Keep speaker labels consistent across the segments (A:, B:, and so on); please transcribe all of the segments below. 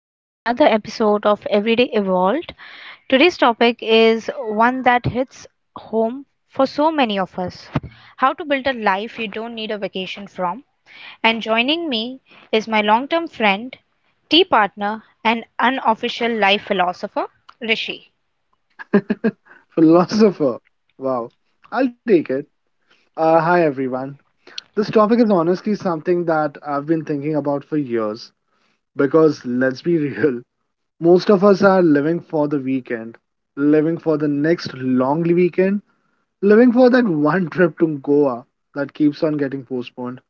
A: to another episode of Everyday Evolved. Today's topic is one that hits home for so many of us: how to build a life you don't need a vacation from. And joining me is my long term friend, tea partner, and unofficial life philosopher, Rishi.
B: Philosopher. Wow. I'll take it. Hi, everyone. This topic is honestly something that I've been thinking about for years because let's be real, most of us are living for the weekend, living for the next long weekend, living for that one trip to Goa that keeps on getting postponed.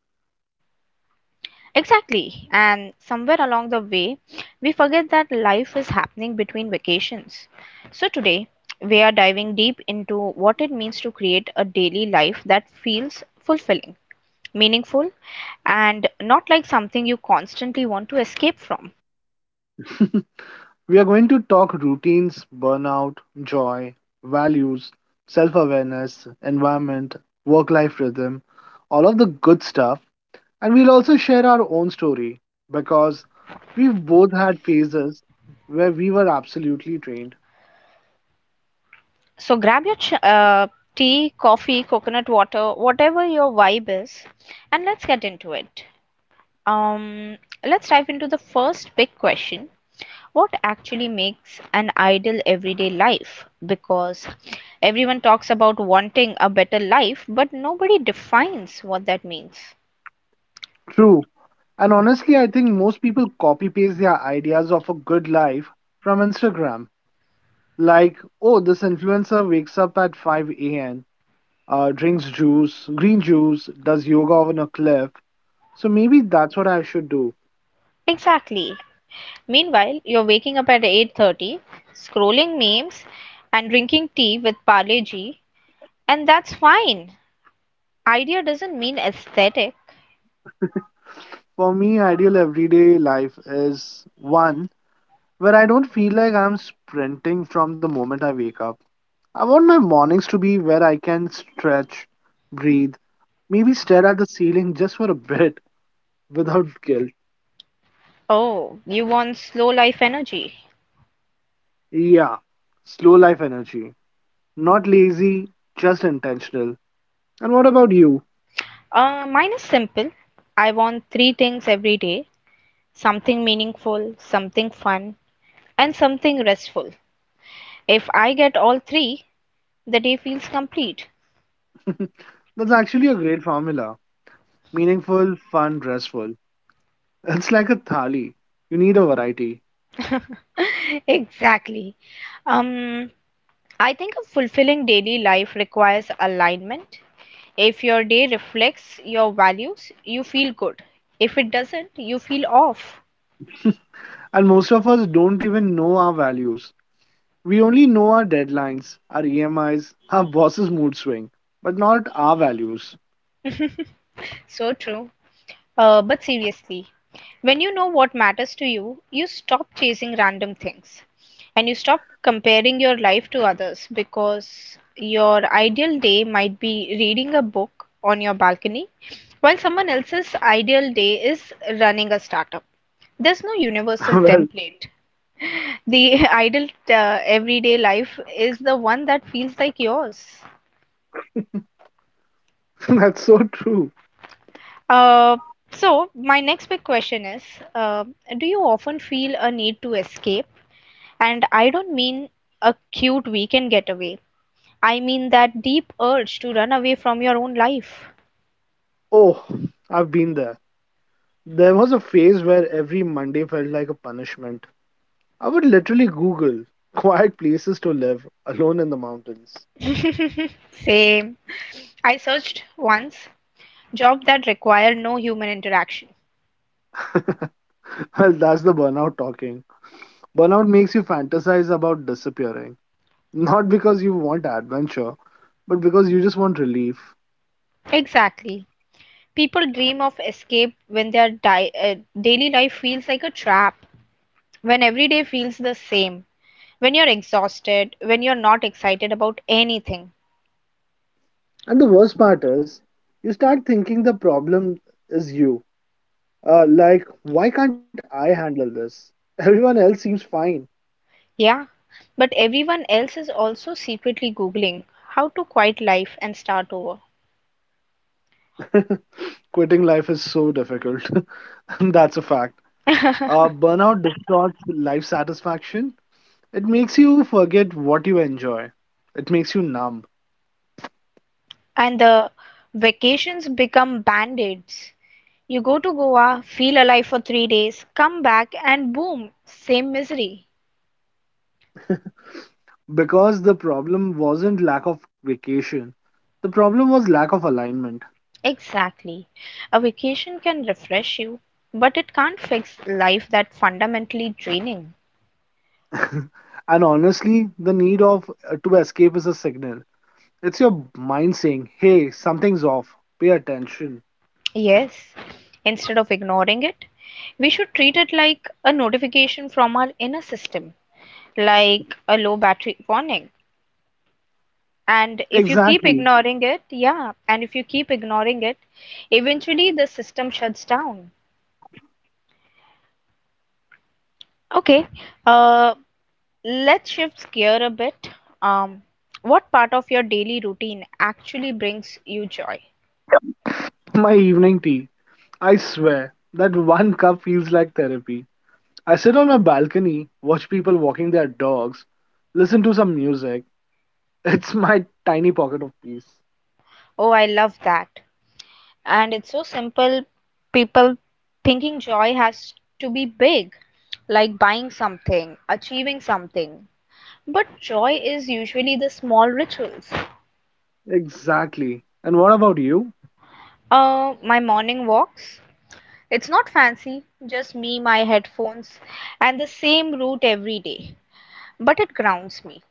A: Exactly. And somewhere along the way, we forget that life is happening between vacations. So today, we are diving deep into what it means to create a daily life that feels fulfilling, meaningful, and not like something you constantly want to escape from.
B: We are going to talk routines, burnout, joy, values, self awareness, environment, work life rhythm, all of the good stuff. And we'll also share our own story because we've both had phases where we were absolutely trained.
A: So grab your tea, coffee, coconut water, whatever your vibe is, and let's get into it. Um, let's dive into the first big question: what actually makes an ideal everyday life? Because everyone talks about wanting a better life but nobody defines what that means.
B: True. And honestly, I think most people copy paste their ideas of a good life from Instagram. Like, oh, this influencer wakes up at 5 a.m., drinks juice, green juice, does yoga on a cliff. So maybe that's what I should do.
A: Exactly. Meanwhile you're waking up at 8:30, scrolling memes, and drinking tea with parleji, and that's fine. Idea doesn't mean aesthetic.
B: For me, ideal everyday life is one where I don't feel like I'm sprinting from the moment I wake up. I want my mornings to be where I can stretch, breathe, maybe stare at the ceiling just for a bit without guilt.
A: Oh, you want slow life energy.
B: Yeah, slow life energy. Not lazy, just intentional. And what about you?
A: Mine is simple. I want three things every day: something meaningful, something fun, and something restful. If I get all three, the day feels complete.
B: That's actually a great formula. Meaningful, fun, restful. It's like a thali. You need a variety.
A: Exactly. Um, I think a fulfilling daily life requires alignment. If your day reflects your values, you feel good. If it doesn't, you feel off.
B: And most of us don't even know our values. We only know our deadlines, our EMIs, our boss's mood swing, but not our values.
A: So true. But seriously, when you know what matters to you, you stop chasing random things and you stop comparing your life to others, because your ideal day might be reading a book on your balcony while someone else's ideal day is running a startup. There's no universal
B: Well,
A: template. The ideal everyday life is the one that feels like yours.
B: that's so true.
A: Uh, so, my next big question is, uh, do you often feel a need to escape? And I don't mean a cute weekend getaway. I mean that deep urge to run away from your own life.
B: Oh, I've been there. There was a phase where every Monday felt like a punishment. I would literally Google quiet places to live alone in the mountains.
A: Same. I searched once, jobs that require no human interaction.
B: Well, that's the burnout talking. Burnout makes you fantasize about disappearing, not because you want adventure, but because you just want relief.
A: Exactly. People dream of escape when their daily life feels like a trap, when every day feels the same, when you're exhausted, when you're not excited about anything.
B: And the worst part is, you start thinking the problem is you. Like, why can't I handle this? Everyone else seems fine.
A: Yeah, but everyone else is also secretly Googling how to quit life and start over.
B: Quitting life is so difficult. That's a fact. Burnout distorts life satisfaction. It makes you forget what you enjoy. It makes you numb.
A: And the vacations become band-aids. You go to Goa, feel alive for 3 days, come back, and boom, same misery.
B: Because the problem wasn't lack of vacation, the problem was lack of alignment.
A: Exactly. A vacation can refresh you, but it can't fix life that's fundamentally draining.
B: And honestly, the need of to escape is a signal. It's your mind saying, hey, something's off. Pay attention.
A: Yes. Instead of ignoring it, we should treat it like a notification from our inner system, like a low battery warning. And if you keep
B: Exactly.
A: ignoring it Yeah, and if you keep ignoring it, eventually the system shuts down. Okay. uh let's shift gear a bit. um what part of your daily routine actually brings you joy?
B: My evening tea. I swear, that one cup feels like therapy. I sit on my balcony, watch people walking their dogs, listen to some music. It's my tiny pocket of peace.
A: Oh, I love that. And it's so simple. People thinking joy has to be big, like buying something, achieving something, but joy is usually the small rituals.
B: Exactly. And what about you?
A: My morning walks. It's not fancy, just me, my headphones, and the same route every day. But it grounds me.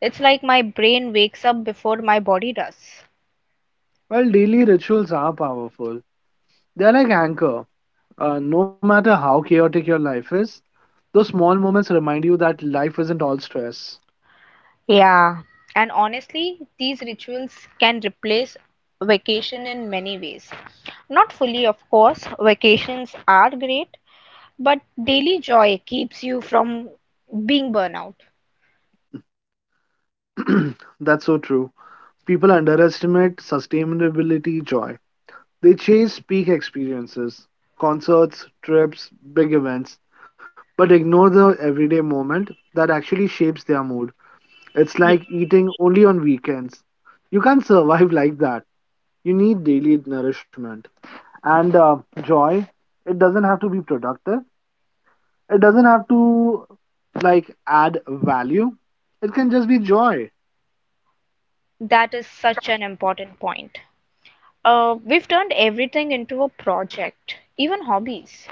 A: It's like my brain wakes up before my body does.
B: Well, daily rituals are powerful. They're like anchor. No matter how chaotic your life is, those small moments remind you that life isn't all stress.
A: Yeah. And honestly, these rituals can replace vacation in many ways. Not fully, of course, vacations are great, but daily joy keeps you from being burnout.
B: That's so true. People underestimate sustainability joy. They chase peak experiences, concerts, trips, big events, but ignore the everyday moment that actually shapes their mood. It's
A: ye-
B: like eating only on weekends. You can't survive like that. You need daily nourishment. And joy, it doesn't have to be productive, it doesn't have to like add value, it can just be joy.
A: That is such an important point. We've turned everything into a project, even hobbies.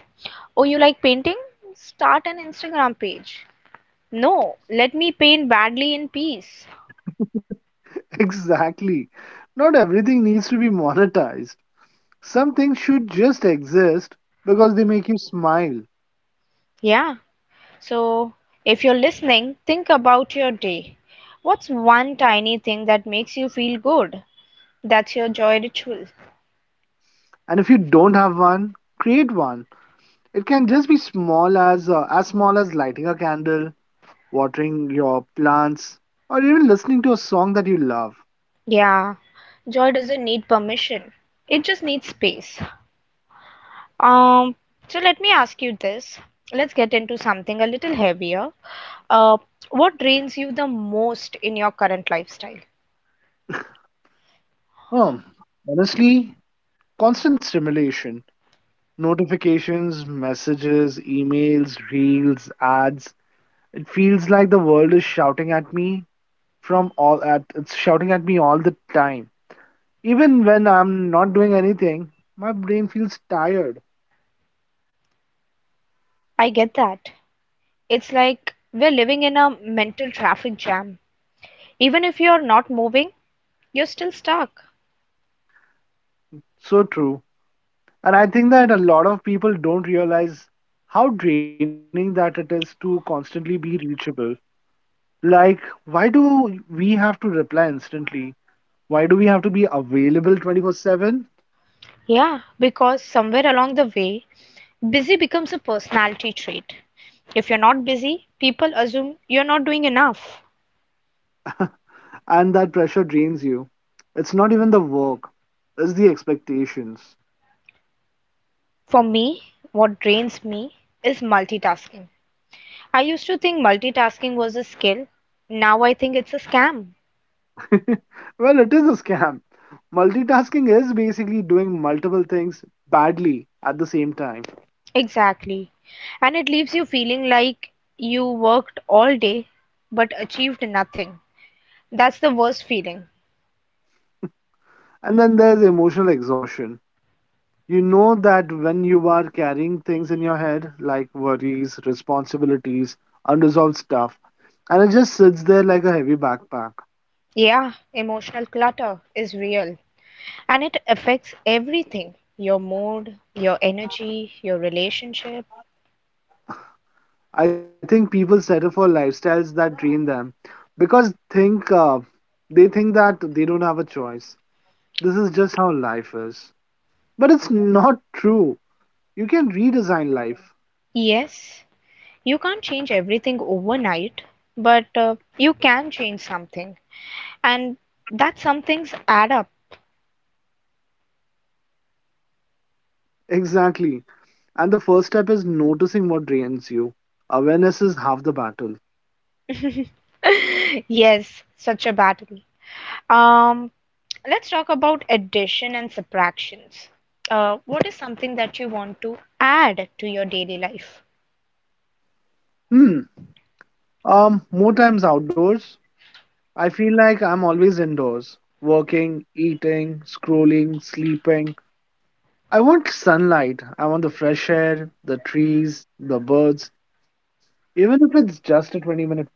A: Oh, you like painting? Start an Instagram page. No, let me paint badly in peace.
B: Exactly. Not everything needs to be monetized. Some things should just exist because they make you smile.
A: Yeah. So, if you're listening, think about your day. What's one tiny thing that makes you feel good? That's your joy ritual.
B: And if you don't have one, create one. It can just be small as small as lighting a candle, watering your plants, or even listening to a song that you love.
A: Yeah. Joy doesn't need permission. It just needs space. Um, so let me ask you this. Let's get into something a little heavier. Uh, what drains you the most in your current lifestyle?
B: Um, honestly, constant stimulation, notifications, messages, emails, reels, ads. It feels like the world is shouting at me from all at it's shouting at me all the time. Even when I'm not doing anything, my brain feels tired.
A: I get that. It's like we're living in a mental traffic jam. Even if you're not moving, you're still stuck.
B: So true. And I think that a lot of people don't realize how draining that it is to constantly be reachable. Like, why do we have to reply instantly? Why do we have to be available 24/7?
A: Yeah, because somewhere along the way, busy becomes a personality trait. If you're not busy, people assume you're not doing enough.
B: And that pressure drains you. It's not even the work, it's the expectations.
A: For me, what drains me is multitasking. I used to think multitasking was a skill. Now I think it's a scam.
B: Well, it is a scam. Multitasking is basically doing multiple things badly at the same time.
A: Exactly. And it leaves you feeling like you worked all day but achieved nothing. That's the worst feeling.
B: And then there's emotional exhaustion. You know that when you are carrying things in your head, like worries, responsibilities, unresolved stuff, and it just sits there like a heavy backpack.
A: Yeah, emotional clutter is real, and it affects everything: your mood, your energy, your relationship.
B: I think people settle for lifestyles that drain them because think they think that they don't have a choice. This is just how life is. But it's not true. You can redesign life.
A: Yes, you can't change everything overnight, but you can change something, and that some things add up.
B: Exactly. And the first step is noticing what drains you. Awareness is half the battle.
A: Yes, such a battle. Um, let's talk about addition and subtractions. What is something that you want to add to your daily life?
B: Hmm. More times outdoors. I feel like I'm always indoors, working, eating, scrolling, sleeping. I want sunlight. I want the fresh air, the trees, the birds, even if it's just a 20-minute walk.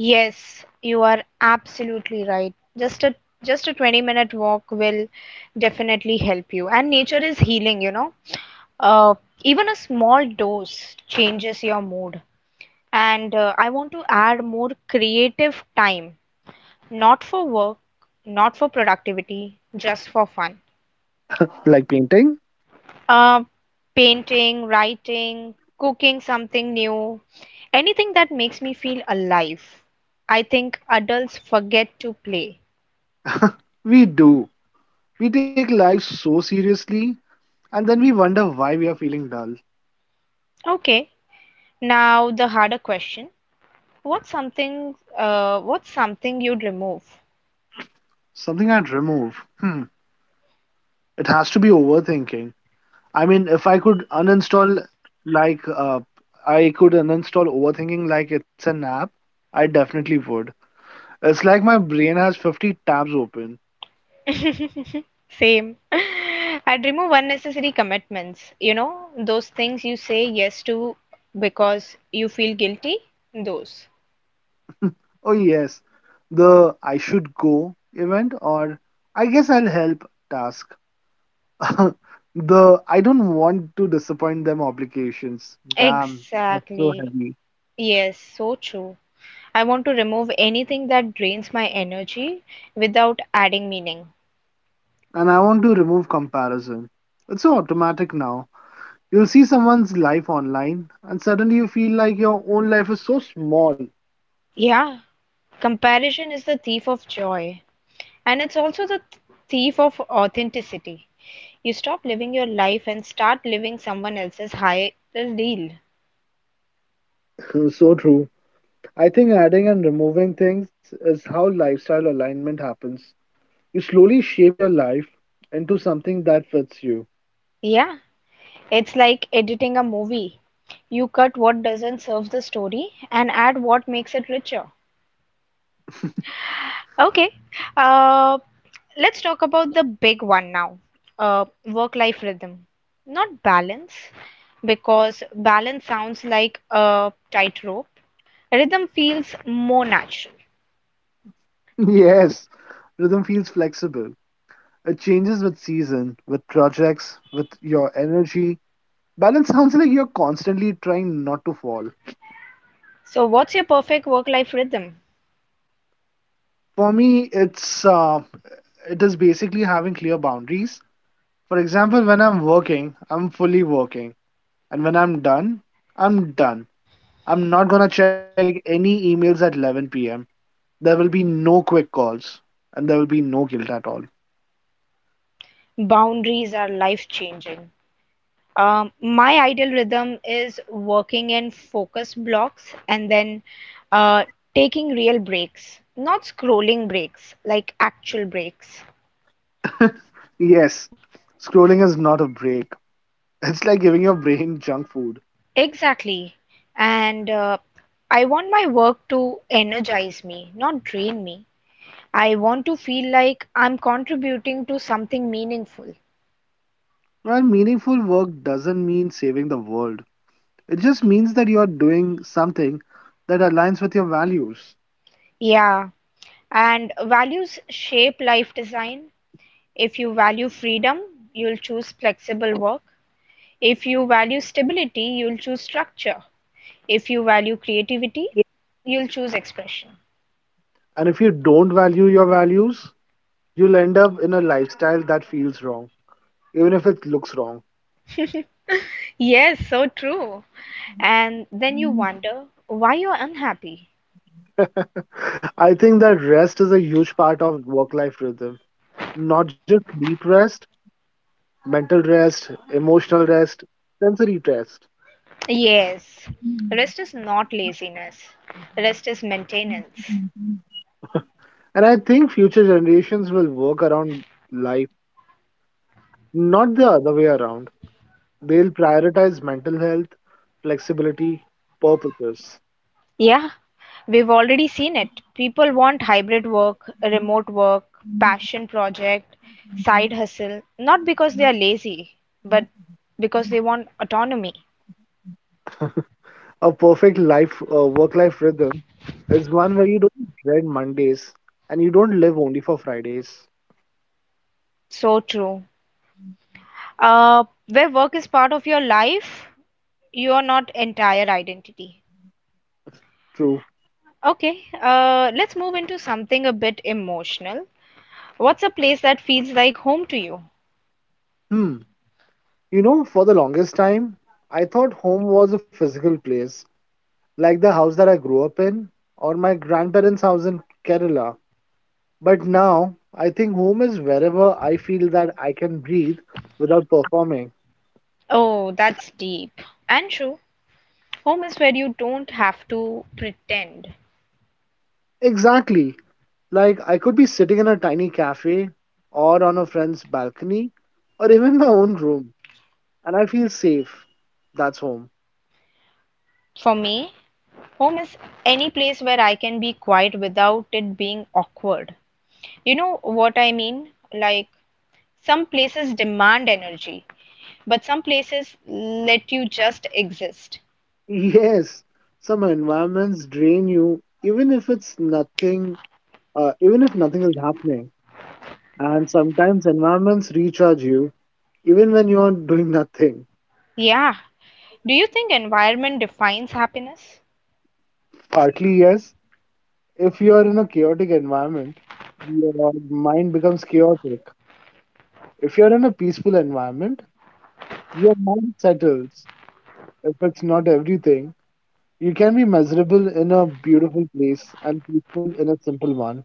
A: Yes, you are absolutely right. Just a 20-minute walk will definitely help you. And nature is healing, you know. Uh, even a small dose changes your mood. And I want to add more creative time, not for work, not for productivity, just for fun.
B: Like painting,
A: Uh, painting, writing, cooking something new, anything that makes me feel alive. I think adults forget to play.
B: we do. We take life so seriously and then we wonder why we are feeling dull.
A: Okay, now the harder question. What's something you'd remove?
B: Something I'd remove. Hmm. It has to be overthinking. I mean, if I could uninstall, like, uh, I could uninstall overthinking like it's an app, I definitely would. It's like my brain has 50 tabs open.
A: Same. I'd remove unnecessary commitments. You know, those things you say yes to because you feel guilty, those.
B: Oh, yes, the I should go event, or I guess I'll help task. The I don't want to disappoint them obligations. Damn, that's so
A: Exactly.
B: heavy.
A: Yes, so true. I want to remove anything that drains my energy without adding meaning.
B: And I want to remove comparison. It's so automatic now. You'll see someone's life online, and suddenly you feel like your own life is so small.
A: Yeah, comparison is the thief of joy, and it's also the thief of authenticity. You stop living your life and start living someone else's highest deal.
B: So true. I think adding and removing things is how lifestyle alignment happens. You slowly shape your life into something that fits you.
A: Yeah, it's like editing a movie. You cut what doesn't serve the story and add what makes it richer. Okay, uh, let's talk about the big one now, work life rhythm. Not balance, because balance sounds like a tightrope. Rhythm feels more natural.
B: Yes, rhythm feels flexible. It changes with season, with projects, with your energy. Balance sounds like you're constantly trying not to fall.
A: So, what's your perfect work life rhythm?
B: For me, it is basically having clear boundaries. For example, when I'm working, I'm fully working. And when I'm done, I'm done. I'm not going to check any emails at 11 p.m. There will be no quick calls and there will be no guilt at all.
A: Boundaries are life changing. My ideal rhythm is working in focus blocks and then uh, taking real breaks, not scrolling breaks, like actual breaks.
B: Yes, scrolling is not a break. It's like giving your brain junk food.
A: Exactly. And I want my work to energize me, not drain me. I want to feel like I'm contributing to something meaningful.
B: Well, meaningful work doesn't mean saving the world. It just means that you're doing something that aligns with your values.
A: Yeah. And values shape life design. If you value freedom, you'll choose flexible work. If you value stability, you'll choose structure. If you value creativity, you'll choose expression.
B: And if you don't value your values, you'll end up in a lifestyle that feels wrong, even if it looks wrong.
A: Yes, so true. And then you wonder why you're unhappy.
B: I think that rest is a huge part of work life rhythm. Not just deep rest, mental rest, emotional rest, sensory rest.
A: Yes, rest is not laziness, rest is maintenance.
B: Mhm. And I think future generations will work around life, not the other way around. They'll prioritize mental health, flexibility, purposes.
A: Yeah, we've already seen it. People want hybrid work, remote work, passion project, side hustle, not because they are lazy, but because they want autonomy.
B: A perfect work-life rhythm is one where you don't dread Mondays and you don't live only for Fridays.
A: So true. Where work is part of your life, you are not entire identity.
B: True.
A: Okay, let's move into something a bit emotional. What's a place that feels like home to you?
B: Hmm. You know, for the longest time, I thought home was a physical place, like the house that I grew up in or my grandparents' house in Kerala. But now, I think home is wherever I feel that I can breathe without performing.
A: Oh, that's deep. And true, home is where you don't have to pretend.
B: Exactly. Like I could be sitting in a tiny cafe or on a friend's balcony or even my own room, and I feel safe. That's home.
A: For me, home is any place where I can be quiet without it being awkward. You know what I mean? Like, some places demand energy, but some places let you just exist.
B: Yes, some environments drain you, even if it's nothing even if nothing is happening. And sometimes environments recharge you even when you are doing nothing.
A: Yeah, do you think environment defines happiness?
B: Partly, yes. If you are in a chaotic environment, your mind becomes chaotic. If you're in a peaceful environment, your mind settles. If it's not everything, you can be miserable in a beautiful place and peaceful in a simple one.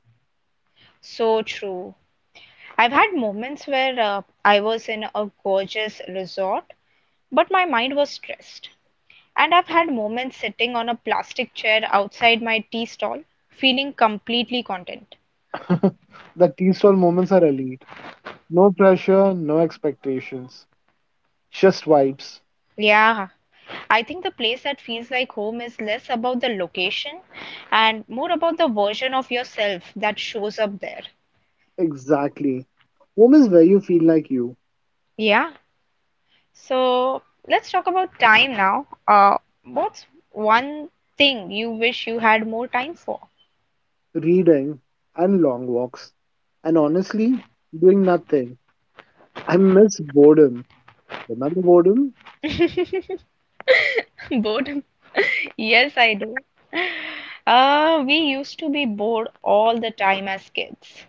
A: So true. I've had moments where I was in a gorgeous resort, but my mind was stressed. And I've had moments sitting on a plastic chair outside my tea stall, feeling completely content.
B: The tea stall moments are elite. No pressure, no expectations, just vibes.
A: Yeah, I think the place that feels like home is less about the location and more about the version of yourself that shows up there.
B: Exactly. Home is where you feel like you.
A: Yeah. So let's talk about time now. What's one thing you wish you had more time for?
B: Reading and long walks. And honestly, doing nothing. I miss boredom. Remember boredom?
A: Boredom. Yes, I do. We used to be bored all the time as kids.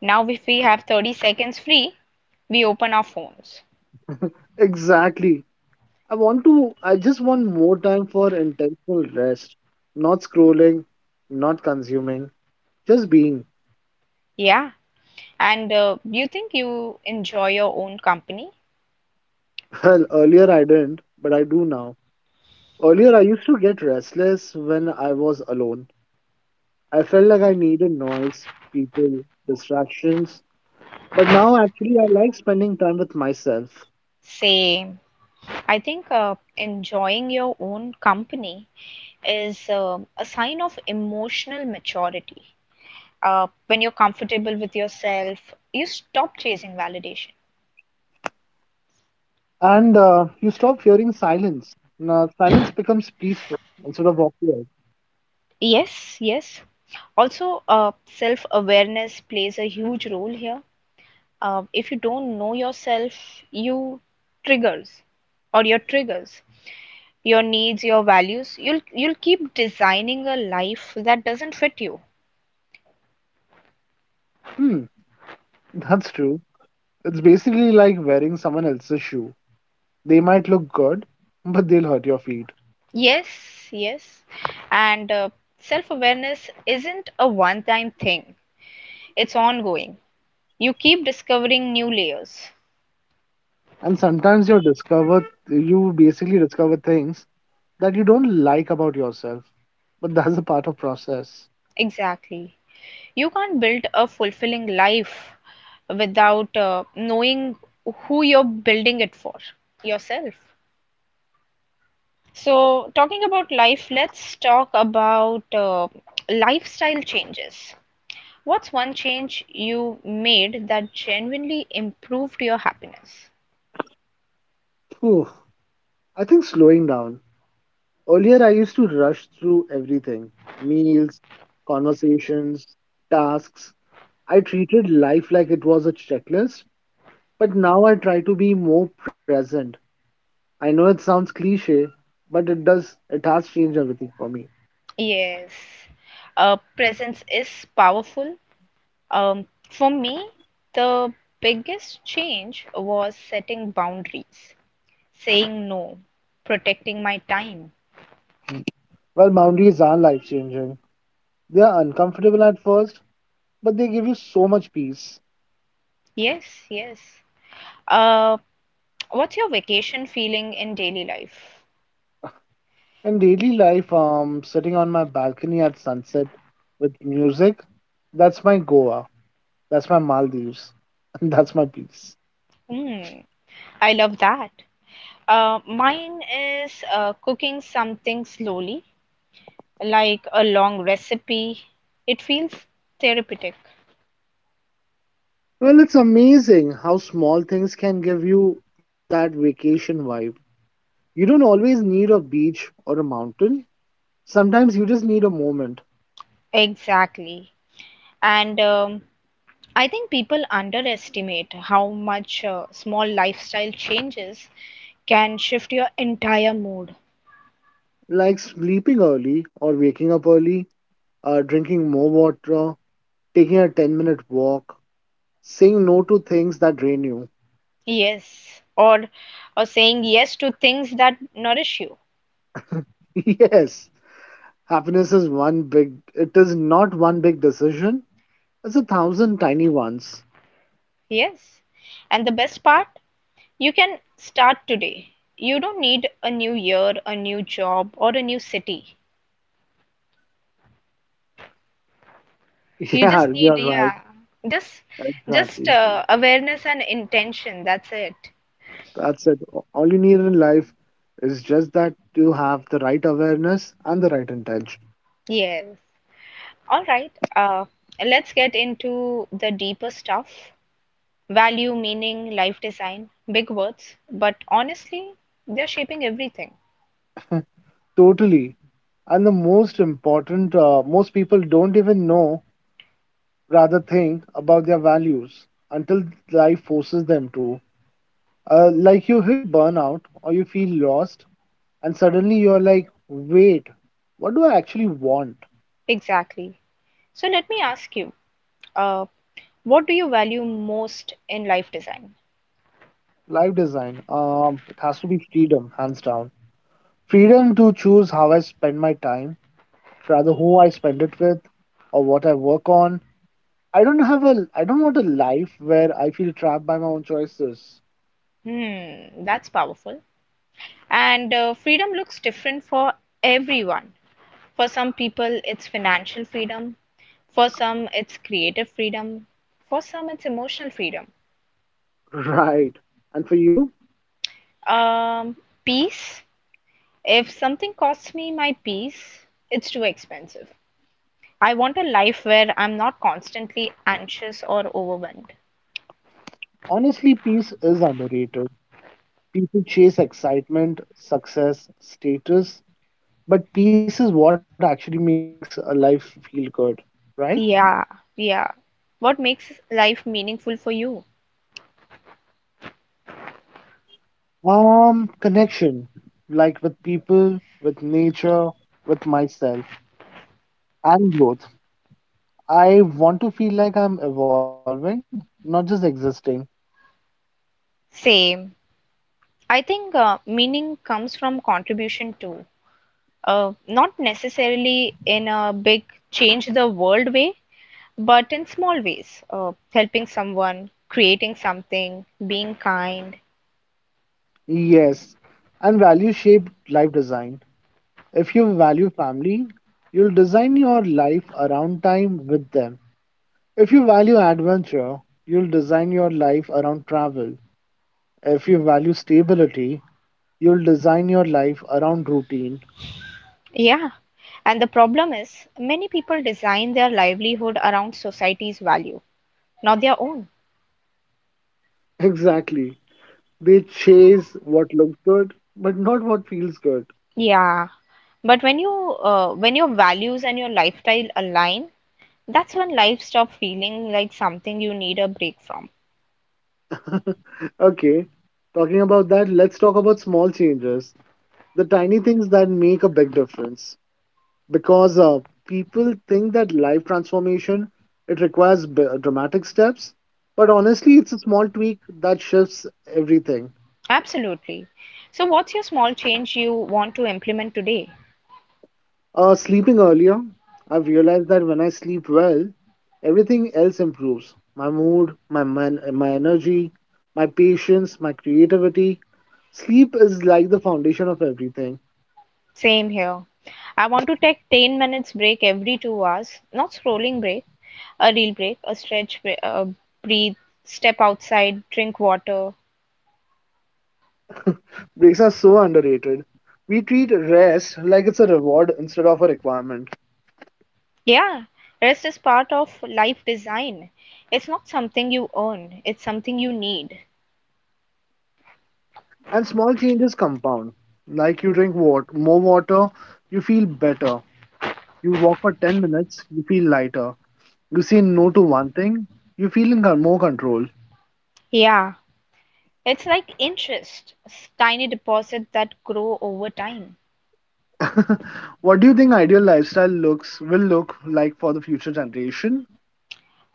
A: Now, if we have 30 seconds free, we open our phones.
B: Exactly. I just want more time for intentional rest. Not scrolling, not consuming, just being.
A: Yeah. And you think you enjoy your own company?
B: Well, earlier I didn't, but I do now. Earlier I used to get restless when I was alone. I felt like I needed noise, people, distractions. But now actually I like spending time with myself.
A: Same. I think enjoying your own company is a sign of emotional maturity. When you're comfortable with yourself, you stop chasing validation.
B: And you stop fearing silence. Now, silence becomes peaceful instead of awkward.
A: Yes, yes. Also, self awareness plays a huge role here. If you don't know yourself, you triggers or your triggers, your needs, your values, you'll keep designing a life that doesn't fit you.
B: Hmm, that's true. It's basically like wearing someone else's shoe. They might look good, but they'll hurt your feet.
A: Yes, yes. And self awareness isn't a one time thing, it's ongoing. You keep discovering new layers.
B: And sometimes you basically discover things that you don't like about yourself. But that's a part of process.
A: Exactly. You can't build a fulfilling life without knowing who you're building it for, yourself. So, talking about life, let's talk about lifestyle changes. What's one change you made that genuinely improved your happiness?
B: Phew. I think slowing down. Earlier, I used to rush through everything meals, conversations, tasks. I treated life like it was a checklist, but now I try to be more present. I know it sounds cliche, but it does, it has changed everything for me.
A: Yes, presence is powerful. For me, the biggest change was setting boundaries, saying no, protecting my time.
B: Well, boundaries are life changing. They are uncomfortable at first, but they give you so much peace.
A: Yes, yes. Uh, what's your vacation feeling in daily life?
B: In daily life, sitting on my balcony at sunset with music, that's my Goa. That's my Maldives. And that's my peace.
A: Hmm, I love that. Mine is cooking something slowly, like a long recipe. It feels therapeutic.
B: Well, it's amazing how small things can give you that vacation vibe. You don't always need a beach or a mountain. Sometimes you just need a moment,
A: Exactly. And I think people underestimate how much small lifestyle changes can shift your entire mood.
B: like sleeping early or waking up early, drinking more water, taking a 10-minute walk, saying no to things that drain you.
A: Yes, or saying yes to things that nourish you.
B: Yes, happiness is one big, it is not one big decision, it's a thousand tiny ones.
A: Yes. And the best part, you can start today. You don't need a new year, a new job, or a new city.
B: Yeah, you're right.
A: Yeah, just just
B: Exactly.
A: awareness and intention. That's it.
B: That's it. All you need in life is just that you have the right awareness and the right intention.
A: Yes. All right. Let's get into the deeper stuff. Value, meaning, life design, big words, but honestly, they're shaping everything.
B: Totally. And the most important, most people don't even know, rather think about their values until life forces them to. Like you hit burnout or you feel lost, and suddenly you're like, wait, what do I actually want?
A: Exactly. So let me ask you, uh, what do you value most in life design?
B: Life design. It has to be freedom, hands down. Freedom to choose how I spend my time rather who I spend it with or what I work on. I don't want a life where I feel trapped by my own choices.
A: Hmm, that's powerful. And freedom looks different for everyone. For some people, it's financial freedom. For some, it's creative freedom. For some, it's emotional freedom.
B: Right. And for you,
A: Um, peace. If something costs me my peace, it's too expensive. I want a life where I'm not constantly anxious or overwhelmed.
B: honestly, peace is underrated. People chase excitement, success, status, but peace is what actually makes a life feel good, right?
A: Yeah, yeah. What makes life meaningful for you?
B: Connection, like with people, with nature, with myself, and growth. I want to feel like I'm evolving, not just existing.
A: Same. I think meaning comes from contribution too. Not necessarily in a big change the world way, but in small ways. Helping someone, creating something, being kind.
B: Yes, and value shaped life design. If you value family, you'll design your life around time with them. If you value adventure, you'll design your life around travel. If you value stability, you'll design your life around routine.
A: Yeah. And the problem is, many people design their livelihood around society's value, not their own.
B: Exactly. They chase what looks good, but not what feels good.
A: Yeah. But when you when your values and your lifestyle align, that's when life stop feeling like something you need a break from.
B: Okay, talking about that, let's talk about small changes, the tiny things that make a big difference. Because people think that life transformation it requires dramatic steps but honestly it's a small tweak that shifts everything.
A: Absolutely. So, what's your small change you want to implement today?
B: Sleeping earlier. I've realized that when I sleep well everything else improves my mood my energy my patience my creativity. Sleep is like the foundation of everything.
A: Same here. I want to take 10 minutes break every 2 hours, not scrolling break, a real break, a stretch, bre- a breathe, step outside, drink water.
B: Breaks are so underrated. We treat rest like it's a reward instead of a requirement.
A: Yeah, rest is part of life design. It's not something you earn, it's something you need.
B: And small changes compound. Like you more water, you feel better. You walk for 10 minutes, you feel lighter. You say no to one thing, you feel more control.
A: Yeah, it's like interest, tiny deposits that grow over time.
B: What do you think ideal lifestyle looks will look like for the future generation?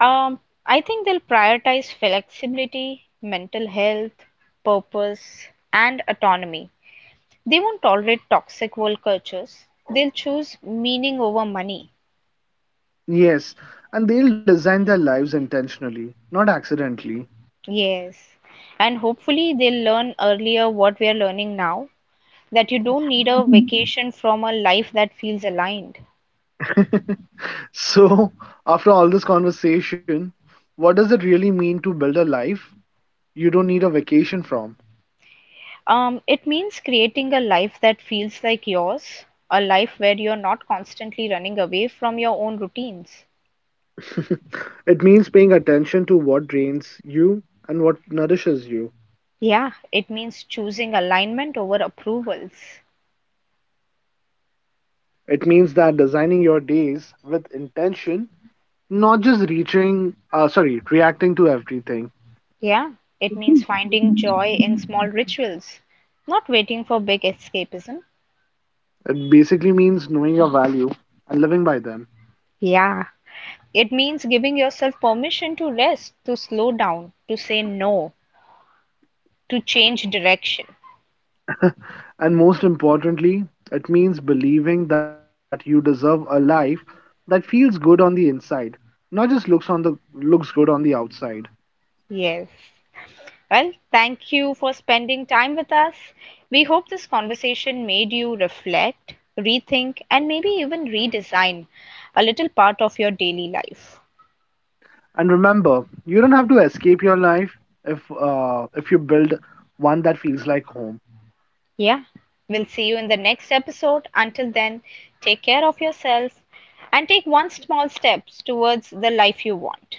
A: Um, I think they'll prioritize flexibility, mental health, purpose, and autonomy. They won't tolerate toxic work cultures. They'll choose meaning over money.
B: Yes, and they'll design their lives intentionally, not accidentally.
A: Yes. And hopefully, they'll learn earlier what we are learning now, that you don't need a vacation from a life that feels aligned.
B: So, after all this conversation, what does it really mean to build a life you don't need a vacation from?
A: It means creating a life that feels like yours, a life where you're not constantly running away from your own routines.
B: It means paying attention to what drains you and what nourishes you.
A: Yeah, it means choosing alignment over approvals.
B: It means that designing your days with intention, not just reacting to everything.
A: Yeah, it means finding joy in small rituals, not waiting for big escapism.
B: It basically means knowing your value and living by them.
A: Yeah, it means giving yourself permission to rest, to slow down, to say no, to change direction.
B: And most importantly, it means believing that you deserve a life that feels good on the inside, not just looks good on the outside.
A: Yes. Well, thank you for spending time with us. We hope this conversation made you reflect, rethink, and maybe even redesign a little part of your daily life.
B: And remember, you don't have to escape your life if you build one that feels like home.
A: Yeah, we'll see you in the next episode. Until then, take care of yourself and take one small step towards the life you want.